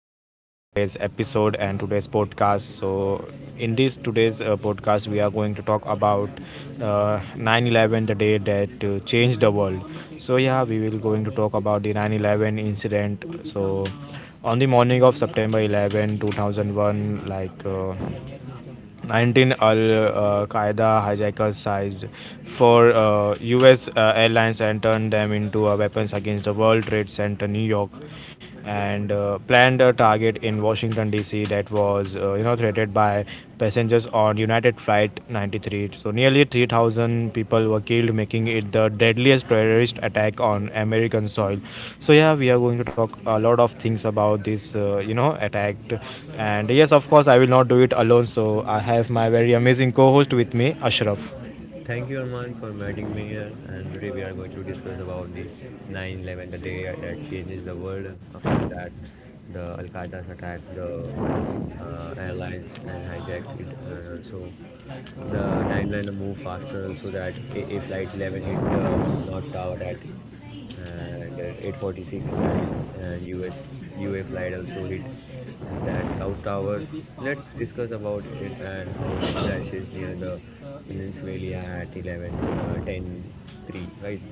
the host for today's episode and today's podcast. So, in this today's podcast, we are going to talk about 9/11, the day that changed the world. So, yeah, we will going to talk about the 9/11 incident. So, on the morning of September 11, 2001, 19 Al Qaeda hijackers seized four U.S. Airlines and turned them into weapons against the World Trade Center, New York, and planned a target in Washington D.C. that was threatened by passengers on United Flight 93. So nearly 3,000 people were killed, making it the deadliest terrorist attack on American soil. So yeah, we are going to talk a lot of things about this, attack. And yes, of course, I will not do it alone. So I have my very amazing co-host with me, Ashraf. Thank you, Arman, for inviting me here. And today we are going to discuss about the 9/11, the day that changes the world. After that, the Al Qaeda's attack, the airlines and hijacked it, and also the timeline to move faster so that a flight 11 hit the North Tower at and 8:46 that is, and US UA flight also hit that South Tower. Let's discuss about it and how it crashes near the Peninsula at 11, 10, three, right?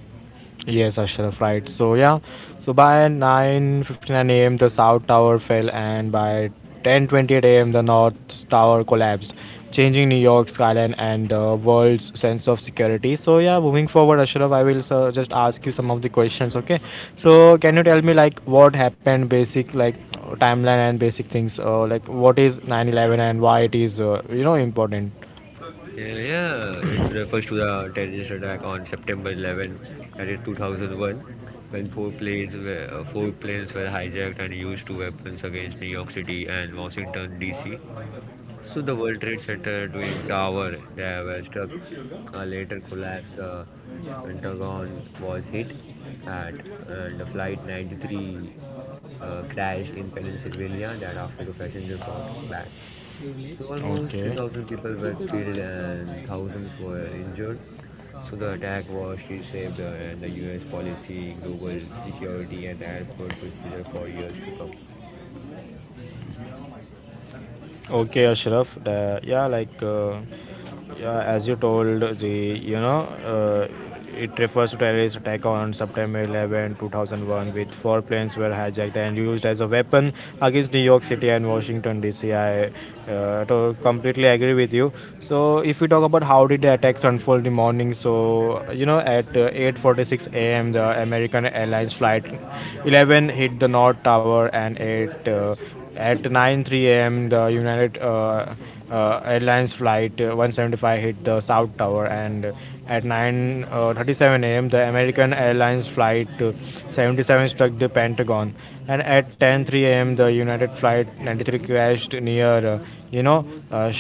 Yes, Ashraf, right. So yeah, so by 9:59 a.m. the south tower fell, and by 10:28 a.m. the north tower collapsed, changing New York's skyline and the world's sense of security. So yeah, moving forward, Ashraf, I will just ask you some of the questions. Okay, so can you tell me, like, what happened, basic, like, timeline and basic things, like what is 9/11 and why it is important? Yeah, yeah, it refers to the terrorist attack on September 11, that is 2001, when four planes were hijacked and used to weapons against New York City and Washington D.C. So the World Trade Center twin tower that were struck later collapsed. The Pentagon was hit at, and the flight 93 crashed in Pennsylvania that after the passenger fought back. So uh, almost Okay. 3,000 people were killed and thousands were injured. So the attack was reshaped and the U.S. policy, global security, and the airport procedure for years to come. Okay, Ashraf. Yeah, as you told, the you know it refers to terrorist attack on September 11, 2001, with four planes were hijacked and used as a weapon against New York City and Washington D.C. I to completely agree with you. So if we talk about how did the attacks unfold in the morning, so at 8:46 a.m. the American Airlines flight 11 hit the North Tower, and at 9:03 a.m., the United Airlines flight 175 hit the South Tower, and at 9:37 a.m., the American Airlines flight 77 struck the Pentagon, and at 10:03 a.m., the United flight 93 crashed near, you know,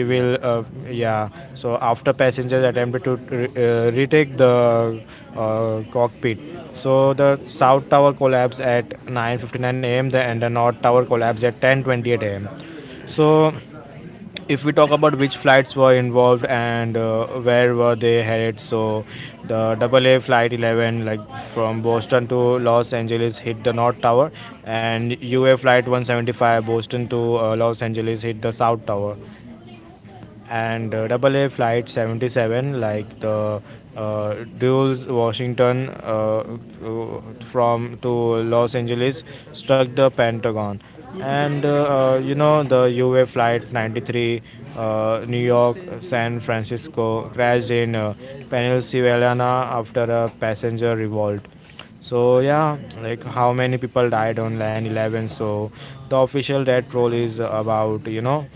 Yeah. Yeah. So after passengers attempted to retake the cockpit. So the south tower collapsed at 9:59 a.m. and the north tower collapsed at 10:28 a.m. So if we talk about which flights were involved and where were they headed, so the AA flight 11, like, from Boston to Los Angeles hit the north tower, and UA flight 175 Boston to Los Angeles hit the south tower, and double A Flight 77, like the Dulles, Washington, to- from to Los Angeles, struck the Pentagon, and the UA Flight 93, New York, San Francisco, crashed in Pennsylvania after a passenger revolt. So yeah, like how many people died on 9/11? So the official death toll is about you know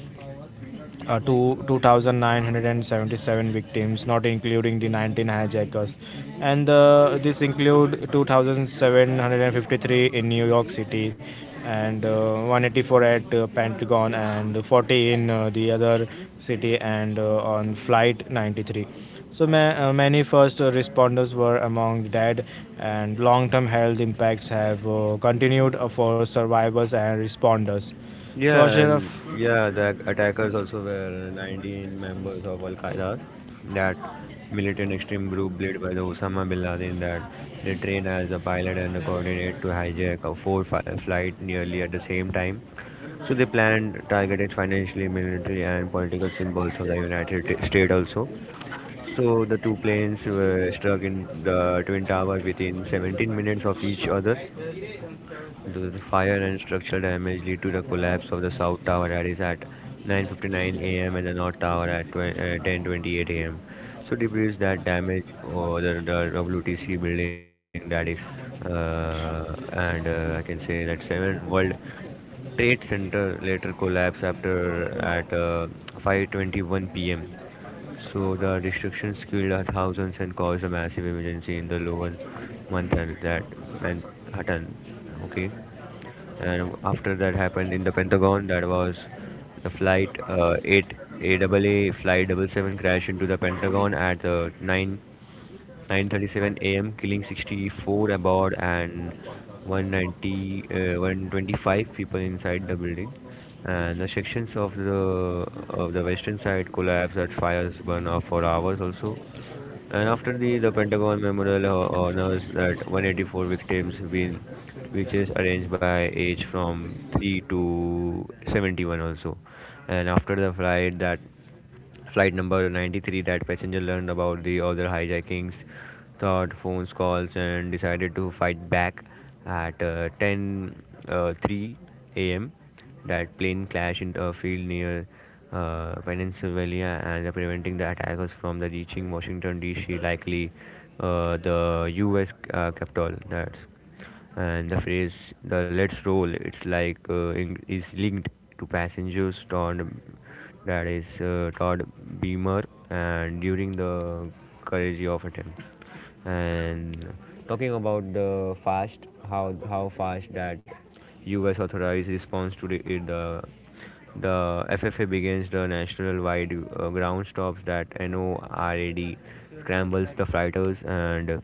two two thousand 2,977 victims, not including the 19 hijackers, and this include 2,753 in New York City, and 184 at Pentagon, and 40 in the other city, and on Flight 93. So many first responders were among the dead, and long-term health impacts have continued for survivors and responders. So Yeah, Ashraf, and yeah, the attackers also were 19 members of Al Qaeda, that militant extreme group led by the Osama bin Laden that they trained as a pilot and a coordinate to hijack a flight nearly at the same time. So they planned, targeted financially, military, and political symbols of the States also. So the two planes were struck in the twin tower within 17 minutes of each other, the fire and structural damage lead to the collapse of the South Tower that is at 9:59 a.m. and the North Tower at 10:28 a.m. So debris that damage or the WTC building that is, and I can say that seven World Trade Center later collapsed after at 5:21 p.m. So the destructions killed are thousands and caused a massive emergency in the lower Manhattan that Manhattan. Okay. And after that happened in the Pentagon, that was the flight uh, 8 A A A flight 77 crashed into the Pentagon at uh, 9 9:37 a.m., killing 64 aboard and 190 uh, 125 people inside the building. And the sections of the western side collapsed at fires burn off for hours also, and after the Pentagon Memorial honors that 184 victims been, which is arranged by age from 3 to 71 also. And after the flight number 93, that passenger learned about the other hijackings, thought phones calls and decided to fight back at uh, 10 uh, 3 a.m, that plane clashed in a field near Pennsylvania and preventing the attackers from the reaching Washington D.C., likely the U.S. Capitol. That's, and the phrase the let's roll it's like is linked to passengers Todd, that is Todd Beamer, and during the courage of attempt. And talking about the fast, how fast that US authorized response to the FFA begins the national wide ground stops, that NORAD scrambles the fighters, and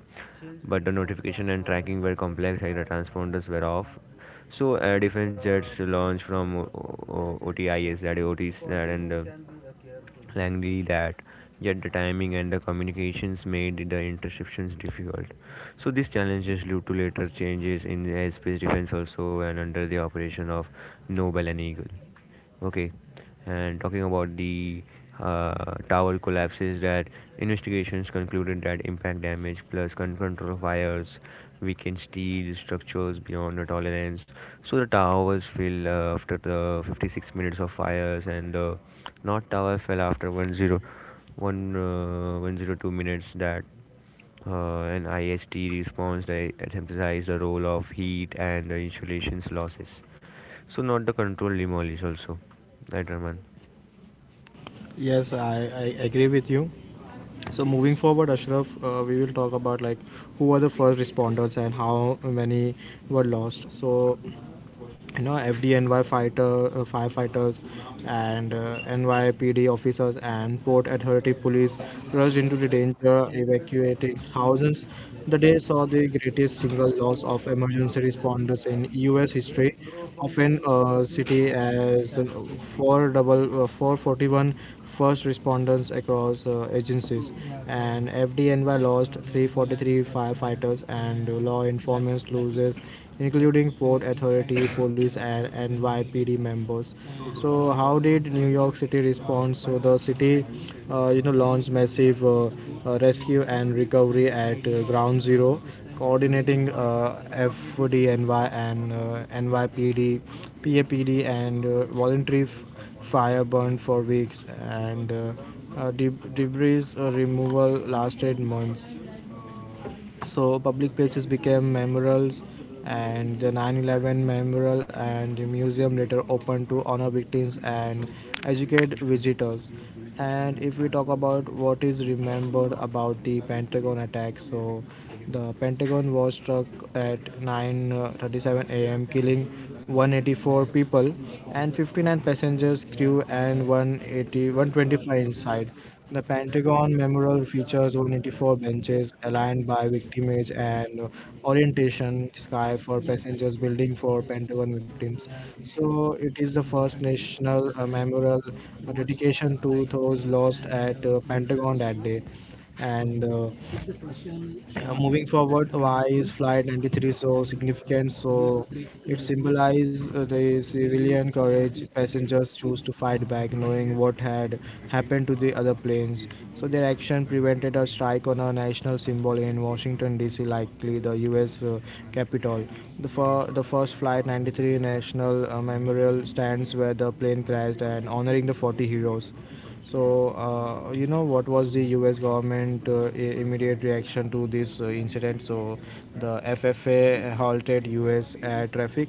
but the notification and tracking were complex and the transponders were off. So air defense jets launched from OTIS, that OTs that and Langley, that yet the timing and the communications made the interceptions difficult. So these challenges led to later changes in the airspace defense also, and under the operation of Noble and Eagle. Okay, and talking about the tower collapses, that investigations concluded that impact damage plus control fires weakened steel structures beyond the tolerance. So the towers fell after the 56 minutes of fires, and the north tower fell after 102 minutes. That and IST response that emphasize the role of heat and the insulation's losses. So not the control demolish also, right, Raman? Yes, I agree with you. So moving forward, Ashraf, we will talk about, like, who were the first responders and how many were lost. So FDNY fighter firefighters and NYPD officers and port authority police rushed into the danger, evacuating thousands. The day saw the greatest single loss of emergency responders in US history, often city as 4 double 441 responders across agencies, and FDNY lost 343 firefighters and law enforcement loses, including Port Authority, police, and NYPD members. So, how did New York City respond? So, the city, you know, launched massive rescue and recovery at Ground Zero, coordinating FDNY and NYPD, PAPD, and voluntary. Fire burned for weeks, and debris removal lasted months. So public places became memorials, and the 9/11 memorial and the museum later opened to honor victims and educate visitors. And if we talk about what is remembered about the Pentagon attack, so the Pentagon was struck at 9:37 a.m., killing 184 people and 59 passengers, crew, and 18,125 inside. The Pentagon Memorial features 184 benches aligned by victimage and orientation sky for passengers, building for Pentagon victims. So it is the first national memorial dedication to those lost at Pentagon that day. And moving forward, why is Flight 93 so significant? So it symbolizes the civilian courage. Passengers choose to fight back, knowing what had happened to the other planes. So their action prevented a strike on a national symbol in Washington D.C., likely the U.S. Capitol. The first Flight 93 National Memorial stands where the plane crashed, and honoring the 40 heroes. So, what was the US government immediate reaction to this incident? So, the FFA halted US air traffic,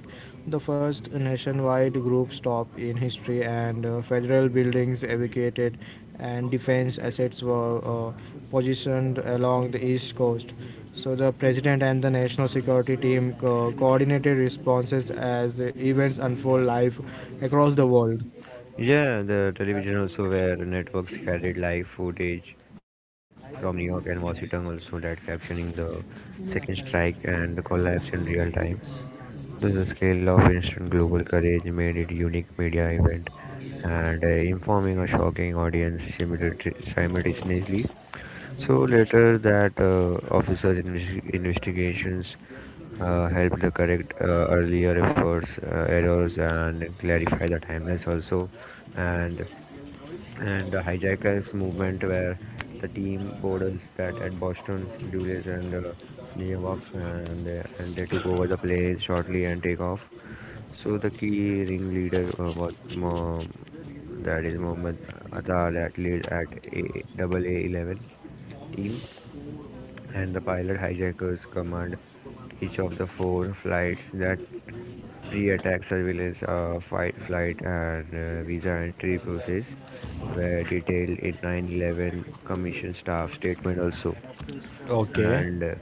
the first nationwide group stop in history, and federal buildings evacuated, and defense assets were positioned along the east coast. So, the president and the national security team coordinated responses as events unfold live across the world. Yeah, the television also where networks carried live footage from New York and Washington also, that captioning the second strike and the collapse in real time. Thus the scale of instant global courage made it unique media event, and informing a shocking audience simultaneously. So later, that officer's investigations helped the correct earlier efforts, errors, and clarify the timelines also, and and the hijackers movement where the team borders that at Boston, Dulles, and New York, and they took over the plane shortly and take off. So the key ringleader that is Mohammed Atar that led at AA 11 team and the pilot hijackers command each of the four flights, that pre-attack surveillance, flight, and visa entry process were detailed in 9/11 Commission staff statement also. Okay. And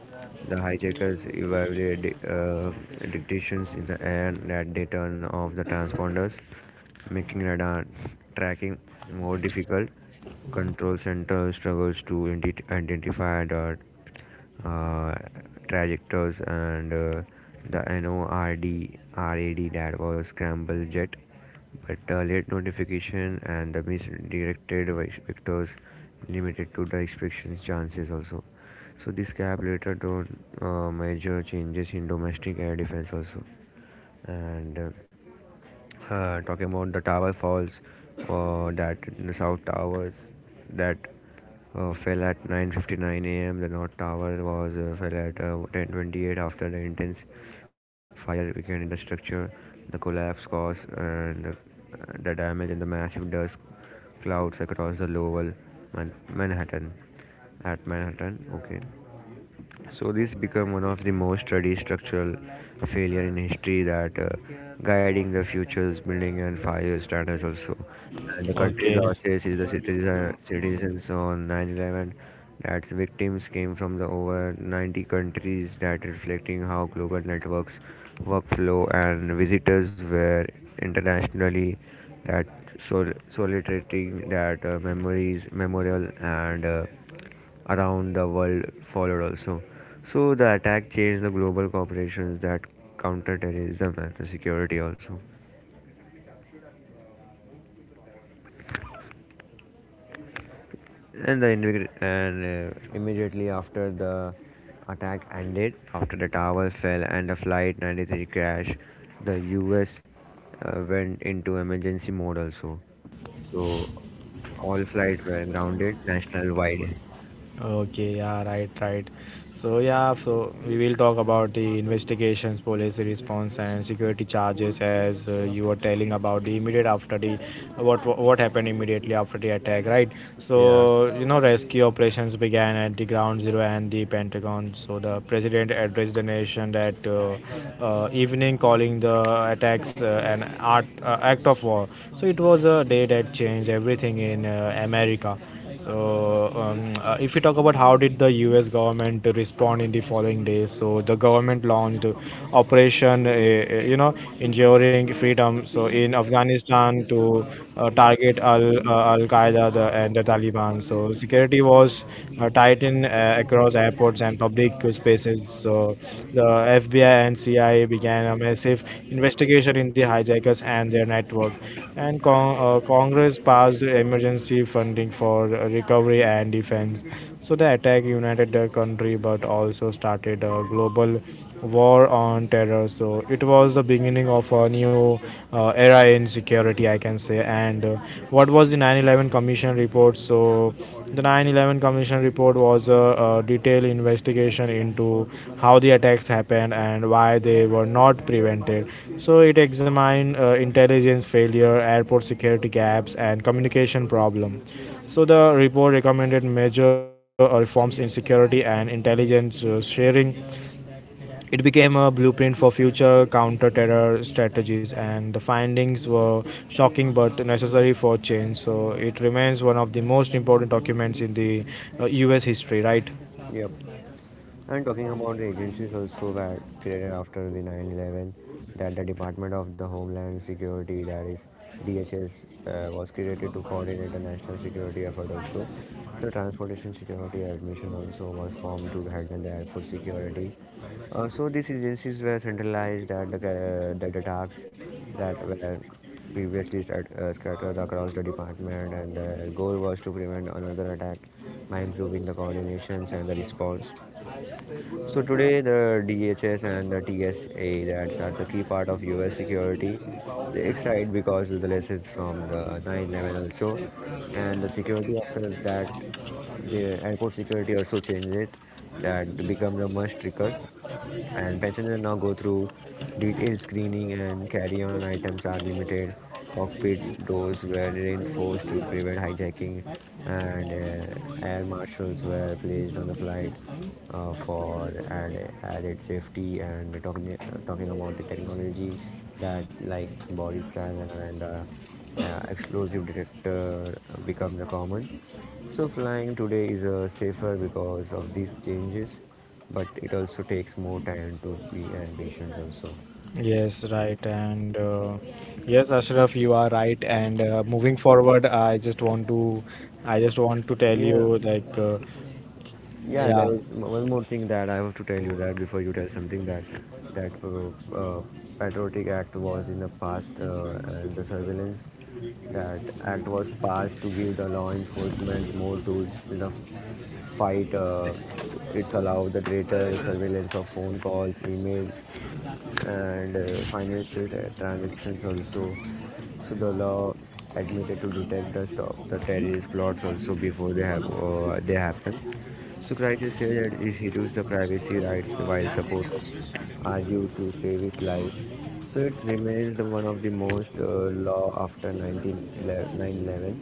The hijackers evaluated dictations in the air, that they turn off the transponders, making radar tracking more difficult. Control Center struggles to identify the uh, trajectories and the NORD RAD that was scramble jet, but the late notification and the misdirected vectors limited to the expectations chances also. So this gap later to major changes in domestic air defense also, and talking about the tower falls, that the south towers that fell at 9:59 a.m. The north tower was fell at 10:28 after the intense fire began in the structure. The collapse caused and the damage and the massive dust clouds across the lower Man- Manhattan Manhattan. Okay. So this become one of the most studied structural failure in history, that guiding the future's building and fire standards also. And the country losses is citizens on 9/11, that victims came from the over 90 countries, that reflecting how global networks workflow and visitors were internationally, that sol- soliciting that memories memorial and around the world followed also. So the attack changed the global corporations, that counter terrorism and the security also. And the individ- and Immediately after the attack ended after the tower fell and the flight 93 crash, the us went into emergency mode also. So all flights were grounded national wide. Okay, yeah, right, right. So yeah, so we will talk about the investigations, police response, and security charges. As you were telling about the immediate after the, what happened immediately after the attack, right? Yeah. So, rescue operations began at the ground zero and the Pentagon. So the president addressed the nation that evening, calling the attacks act of war. So it was a day that changed everything in America. So, if we talk about how did the U.S. government respond in the following days, so the government launched Operation, Enduring Freedom. So in Afghanistan to target Al Qaeda, and the Taliban. So security was tightened across airports and public spaces. So the FBI and CIA began a massive investigation in the hijackers and their network. And Congress passed emergency funding for recovery and defense. So the attack united the country, but also started a global war on terror. So it was the beginning of a new era in security, I can say. And what was the 9/11 Commission report? So the 9/11 Commission report was a detailed investigation into how the attacks happened and why they were not prevented. So it examined intelligence failure, airport security gaps, and communication problem. So the report recommended major reforms in security and intelligence sharing. It became a blueprint for future counter-terror strategies, and the findings were shocking but necessary for change. So it remains one of the most important documents in the U.S. history, right? Yep. And talking about the agencies also were created after the 9/11, that the Department of the Homeland Security, that is DHS, was created to coordinate the national security effort. Also, the Transportation Security Admission also was formed to handle the airport security. So these agencies were centralized at that the tasks that were scattered across the department, and the goal was to prevent another attack by improving the coordinations and the response. So today, the DHS and the TSA that's are the key part of U.S. security. They excite because of the lessons from the 9/11 also, and the security after that, the airport security also changed it. That become the must record, and passengers now go through detailed screening, and carry-on items are limited, cockpit doors were reinforced to prevent hijacking, and air marshals were placed on the flight added safety. And talking about the technology, that like body scanner and explosive detector become the common. So flying today is safer because of these changes, but it also takes more time to be and patient also. Yes, right. And yes, Ashraf, you are right. And moving forward, I just want to tell Yeah, you, like, yeah. There yeah. is one more thing that I have to tell you, that before you tell something that that uh, uh, Patriotic Act was in the past, and the surveillance, that act was passed to give the law enforcement more tools in the fight. It's allowed the greater surveillance of phone calls, emails, and transactions also. So the law admitted to detect the stop the terrorist plots also before they happen. So crisis said that it reduced the privacy rights, while supporters argued to save his life. So it remains the one of the most law after 1911. 911.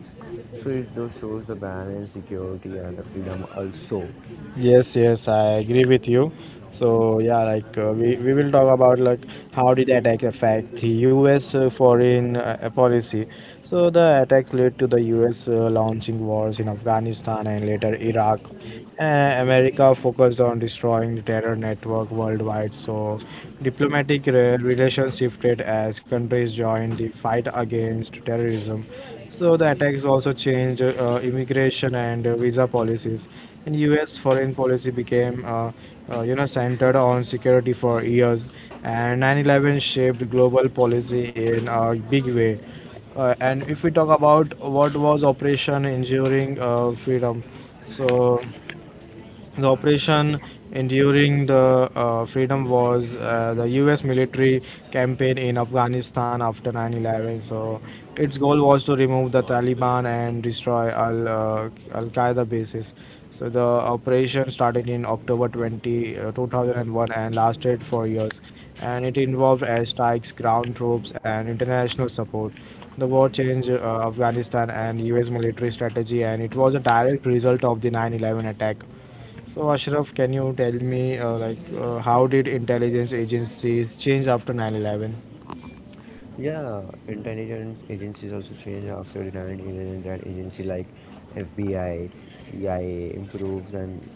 So it those shows the balance, security, and the freedom also. Yes, yes, I agree with you. So yeah, we will talk about, like, how did that like affect the U.S. Foreign policy. So the attacks led to the US launching wars in Afghanistan and later Iraq. America focused on destroying the terror network worldwide. So diplomatic relations shifted as countries joined the fight against terrorism. So the attacks also changed immigration and visa policies. And US foreign policy became centered on security for years, and 9/11 shaped global policy in a big way. And if we talk about what was Operation Enduring Freedom, so the operation enduring the freedom was the US military campaign in Afghanistan after 9/11. So its goal was to remove the Taliban and destroy al Qaeda bases. So the operation started in October 20, 2001, and lasted for years, and it involved airstrikes, ground troops, and international support. The war changed Afghanistan and US military strategy, and it was a direct result of the 9/11 attack. So, Ashraf, can you tell me, like, how did intelligence agencies change after 9/11? Yeah, intelligence agencies also change after the 1911, that agency like FBI, CIA improves and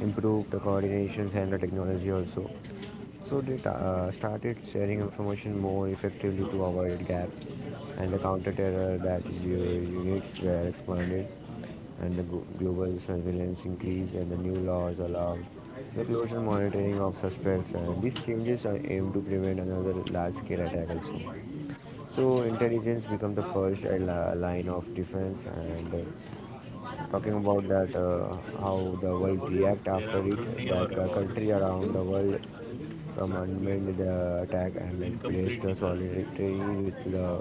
improve the coordinations and the technology also. So started sharing information more effectively to avoid gaps, and the counter-terror that units were expanded, and the global surveillance increased, and the new laws allowed the close and monitoring of suspects, and these changes are aimed to prevent another large-scale attack also. So intelligence become the first line of defense. And talking about that how the world react after it, that country around the world from unmanned attack and expressed solidarity with the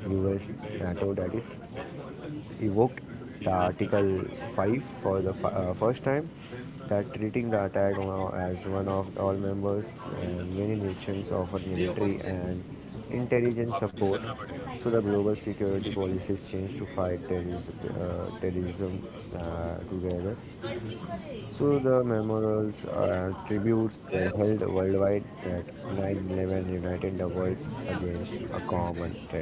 US. NATO, that is evoked the Article 5 for the first time, that treating the attack now as one of all members, and many nations offer military and intelligence support. So the global security policies changed to fight terrorism together. So the memorials and tributes were held worldwide that 9/11 united the worlds against a common threat.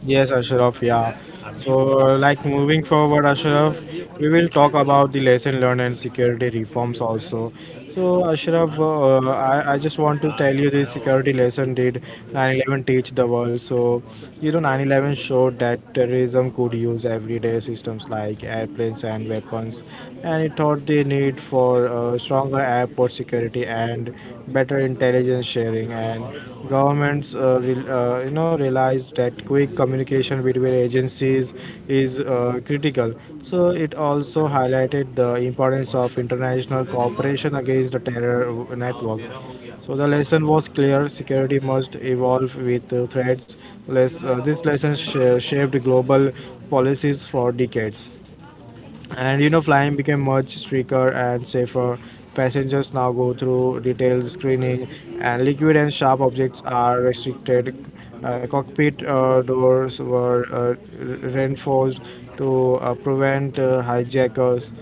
Yes, Ashraf, yeah. So, like, moving forward, Ashraf, we will talk about the lesson learned and security reforms also. So, Ashraf, I just want to tell you the security lesson did 9/11 teach the world. So, 9/11 showed that terrorism could use everyday systems like airplanes and weapons, and it taught the need for stronger airport security and better intelligence sharing. And governments, re- you know, realized that quick communication between agencies is critical. So it also highlighted the importance of international cooperation against the terror network. So the lesson was clear: security must evolve with threats. This lesson shaped global policies for decades, and flying became much stricter and safer. Passengers now go through detailed screening, and liquid and sharp objects are restricted. Cockpit doors were reinforced to prevent hijackers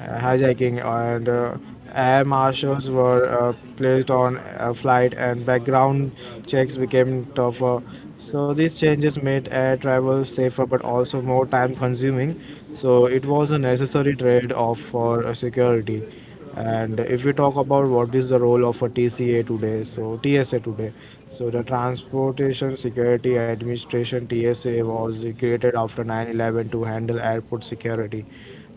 hijacking, and air marshals were placed on a flight, and background checks became tougher. So these changes made air travel safer but also more time consuming. So it was a necessary trade off for security. And if we talk about what is the role of a TCA today, so TSA today, so the Transportation Security Administration TSA was created after 9/11 to handle airport security.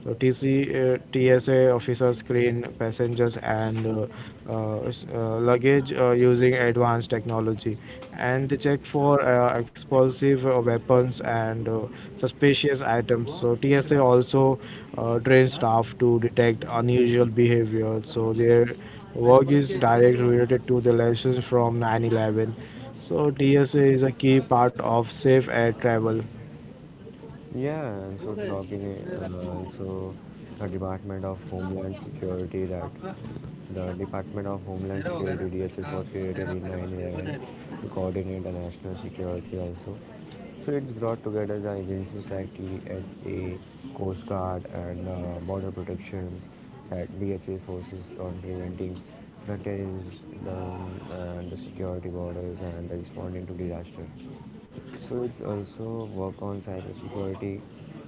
So TSA officers screen passengers and luggage using advanced technology, and they check for explosive weapons and suspicious items. So TSA also trains staff to detect unusual behavior. So their work is directly related to the lessons from 9/11. So TSA is a key part of safe air travel. Yeah, and so talking also the Department of Homeland Security, that the Department of Homeland Security DHS was created in 9/11 to coordinate the national security also. So it's brought together the agencies like TSA, Coast Guard, and Border Protections, that DHS forces on preventing the terrorism, and the security borders, and responding to disaster. So it's also work on cybersecurity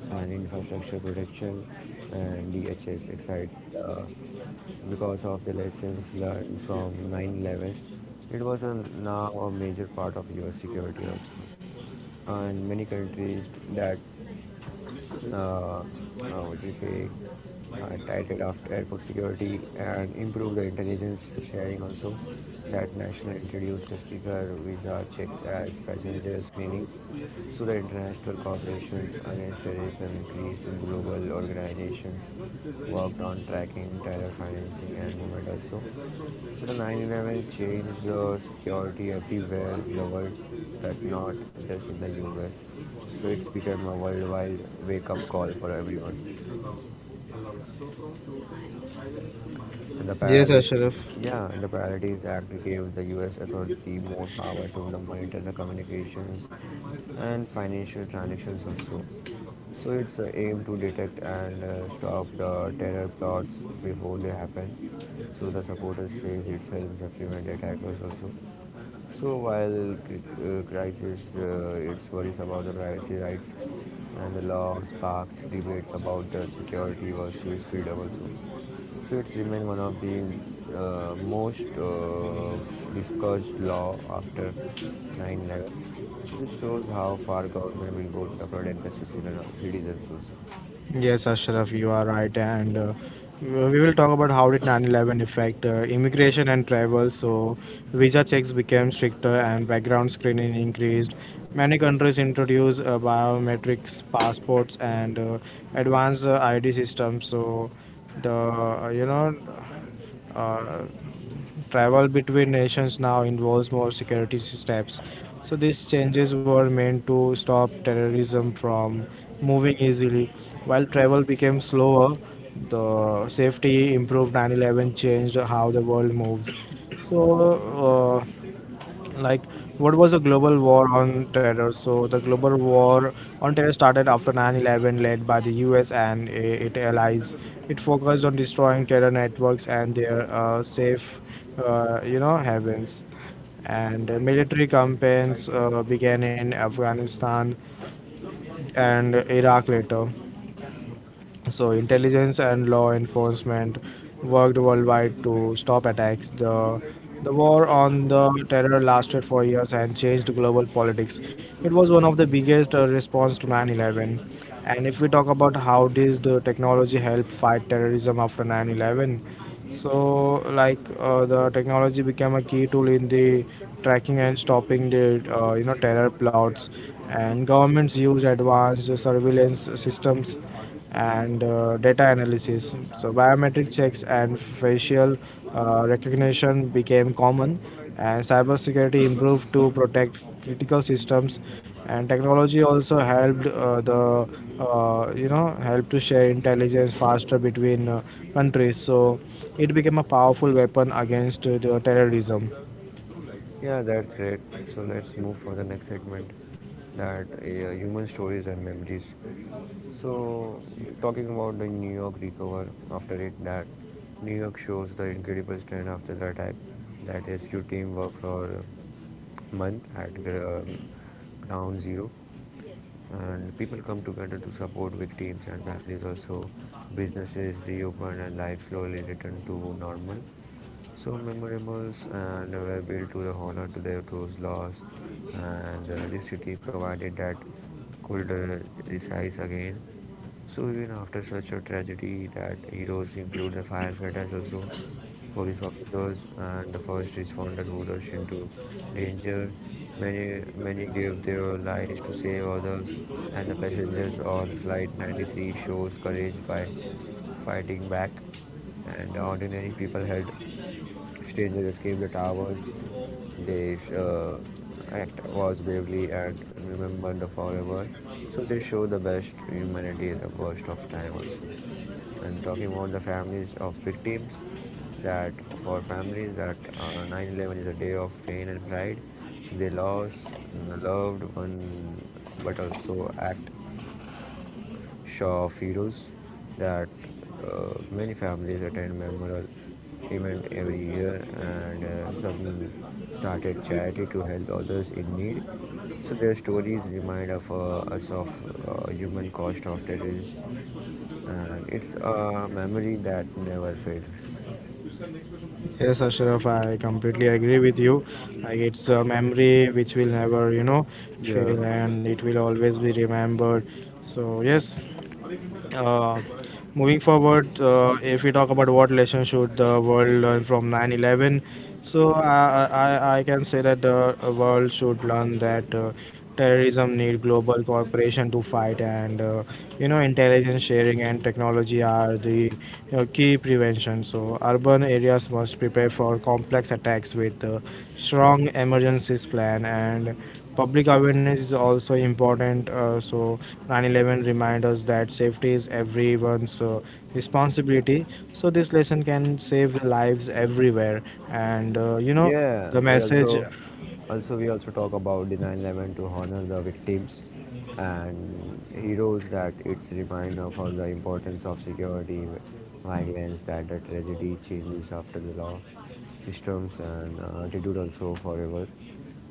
and infrastructure protection, and DHS excites uh, because of the lessons learned from 9/11. It was a, now a major part of US security also, and many countries that what do you say, tightened after airport security and improved the intelligence sharing also, that national introduced a sticker visa checks as passenger screening. So the international cooperations against terrorism increased, and global organizations worked on tracking terror financing and movement also. So the 9/11 changed the security everywhere in the world, that not just in the US. So it's become a worldwide wake-up call for everyone. And the Yes, Priority, Ashraf. yeah, and the Priorities Act gave the US authority more power to the monitor the communications and financial transactions also. So it's a aim to detect and stop the terror plots before they happen. So the supporters says it helps to prevent attackers also. So while crisis, its worries about the privacy rights, and the law sparks debates about the security versus freedom also. So it's remained one of the most discussed law after 9/11. This shows how far government will go to the protect the citizens also. Yes, Ashraf, you are right, and we will talk about how did 9/11 affect immigration and travel. So, visa checks became stricter and background screening increased. Many countries introduced biometrics, passports, and advanced ID systems. So, the uh, you know, uh, travel between nations now involves more security steps. So these changes were meant to stop terrorism from moving easily. While travel became slower, the safety improved. 9/11 changed how the world moves. So uh, like what was the global war on terror? So the global war on terror started after 9-11, led by the US and its allies. It focused on destroying terror networks and their safe havens, and military campaigns began in Afghanistan and Iraq later. So, intelligence and law enforcement worked worldwide to stop attacks. The war on the terror lasted for years and changed global politics. It was one of the biggest response to 9/11. And if we talk about how did the technology help fight terrorism after 9/11, so, the technology became a key tool in the tracking and stopping the terror plots, and governments used advanced surveillance systems and data analysis. So, biometric checks and facial recognition became common, and cybersecurity improved to protect critical systems. And technology also helped the you know help to share intelligence faster between countries. So it became a powerful weapon against the terrorism. Yeah, that's great. So let's move for the next segment, that human stories and memories. So, talking about the New York recover after it, that New York shows the incredible strength after the attack. That rescue team worked for a month at ground zero, and people come together to support victims and families. Also, businesses reopen and life slowly return to normal, so memorables and were built to honor on to their, those laws, and the city provided that could rise again. So even after such a tragedy, that heroes include the firefighters also, police officers, and the first responders who rushed into danger. Many gave their lives to save others, and the passengers on flight 93 shows courage by fighting back, and ordinary people helped. Strangers escaped the towers. This act was bravely and remembered forever. So they show the best humanity at the worst of time also. And talking about the families of victims, that for families that 9/11 is a day of pain and pride. So they lost loved one, but also act Shah Feroz, that many families attend memorial event every year, and some started charity to help others in need. So their stories remind of, us of human cost of terrorism, and it's a memory that never fades. Yes, Ashraf, I completely agree with you. Like it's a memory which will never, Yeah. fail, and it will always be remembered. So yes, uh, moving forward, if we talk about what lesson should the world learn from 9/11. So I can say that the world should learn that terrorism need global cooperation to fight, and intelligence sharing and technology are the key prevention. So urban areas must prepare for complex attacks with strong emergencies plan and public awareness is also important. So 9/11 reminds us that safety is everyone's responsibility. So this lesson can save lives everywhere. And you know Yeah, the we message. also also we also talk about the 9/11 to honor the victims and heroes, that it's reminder for the importance of security violence, that the tragedy changes after the law systems and attitude also forever,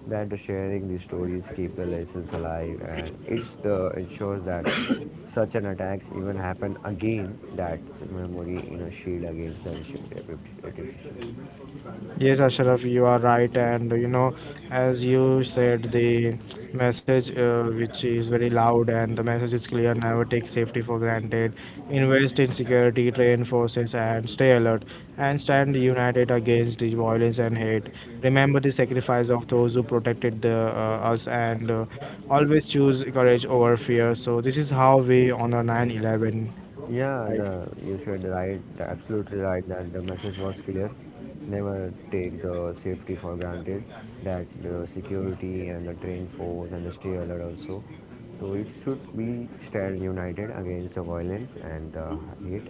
that the sharing these stories keep the lessons alive, and it's the ensures that such an attacks even happen again. That memory in a shield against the repetition. Yes, Ashraf, you are right, and you know, as you said, the message which is very loud, and the message is clear. Never take safety for granted. Invest in security, train forces, and stay alert. And stand united against the violence and hate. Remember the sacrifice of those who protected us, and always choose courage over fear. So this is how we honor 9/11, Yeah, right? the you should right, the absolutely right that the message was clear. Never take the safety for granted. That the security and the train force and the stay alert also. So it should be stand united against the violence and the hate.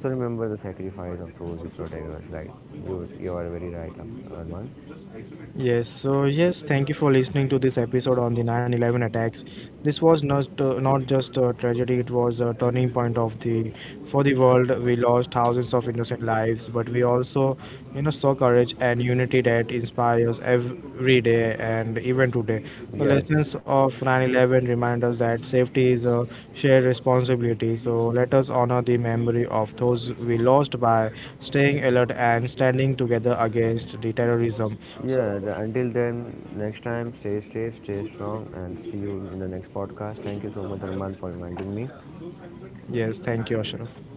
So remember the sacrifice of those who protect us. Right, you are very right, Arman. Yes, so yes, thank you for listening to this episode on the 9/11 attacks. This was not just a tragedy; it was a turning point of the for the world. We lost thousands of innocent lives, but we also, you know, saw courage and unity that inspires every day and even today. The Yes, lessons of 9/11 remind us that safety is a shared responsibility. So let us honor the memory of those we lost by staying alert and standing together against the terrorism. So yeah. The, until then, next time, stay safe, stay strong, and see you in the next podcast. Thank you so much, Arman, for reminding me. yes, thank you, Ashraf.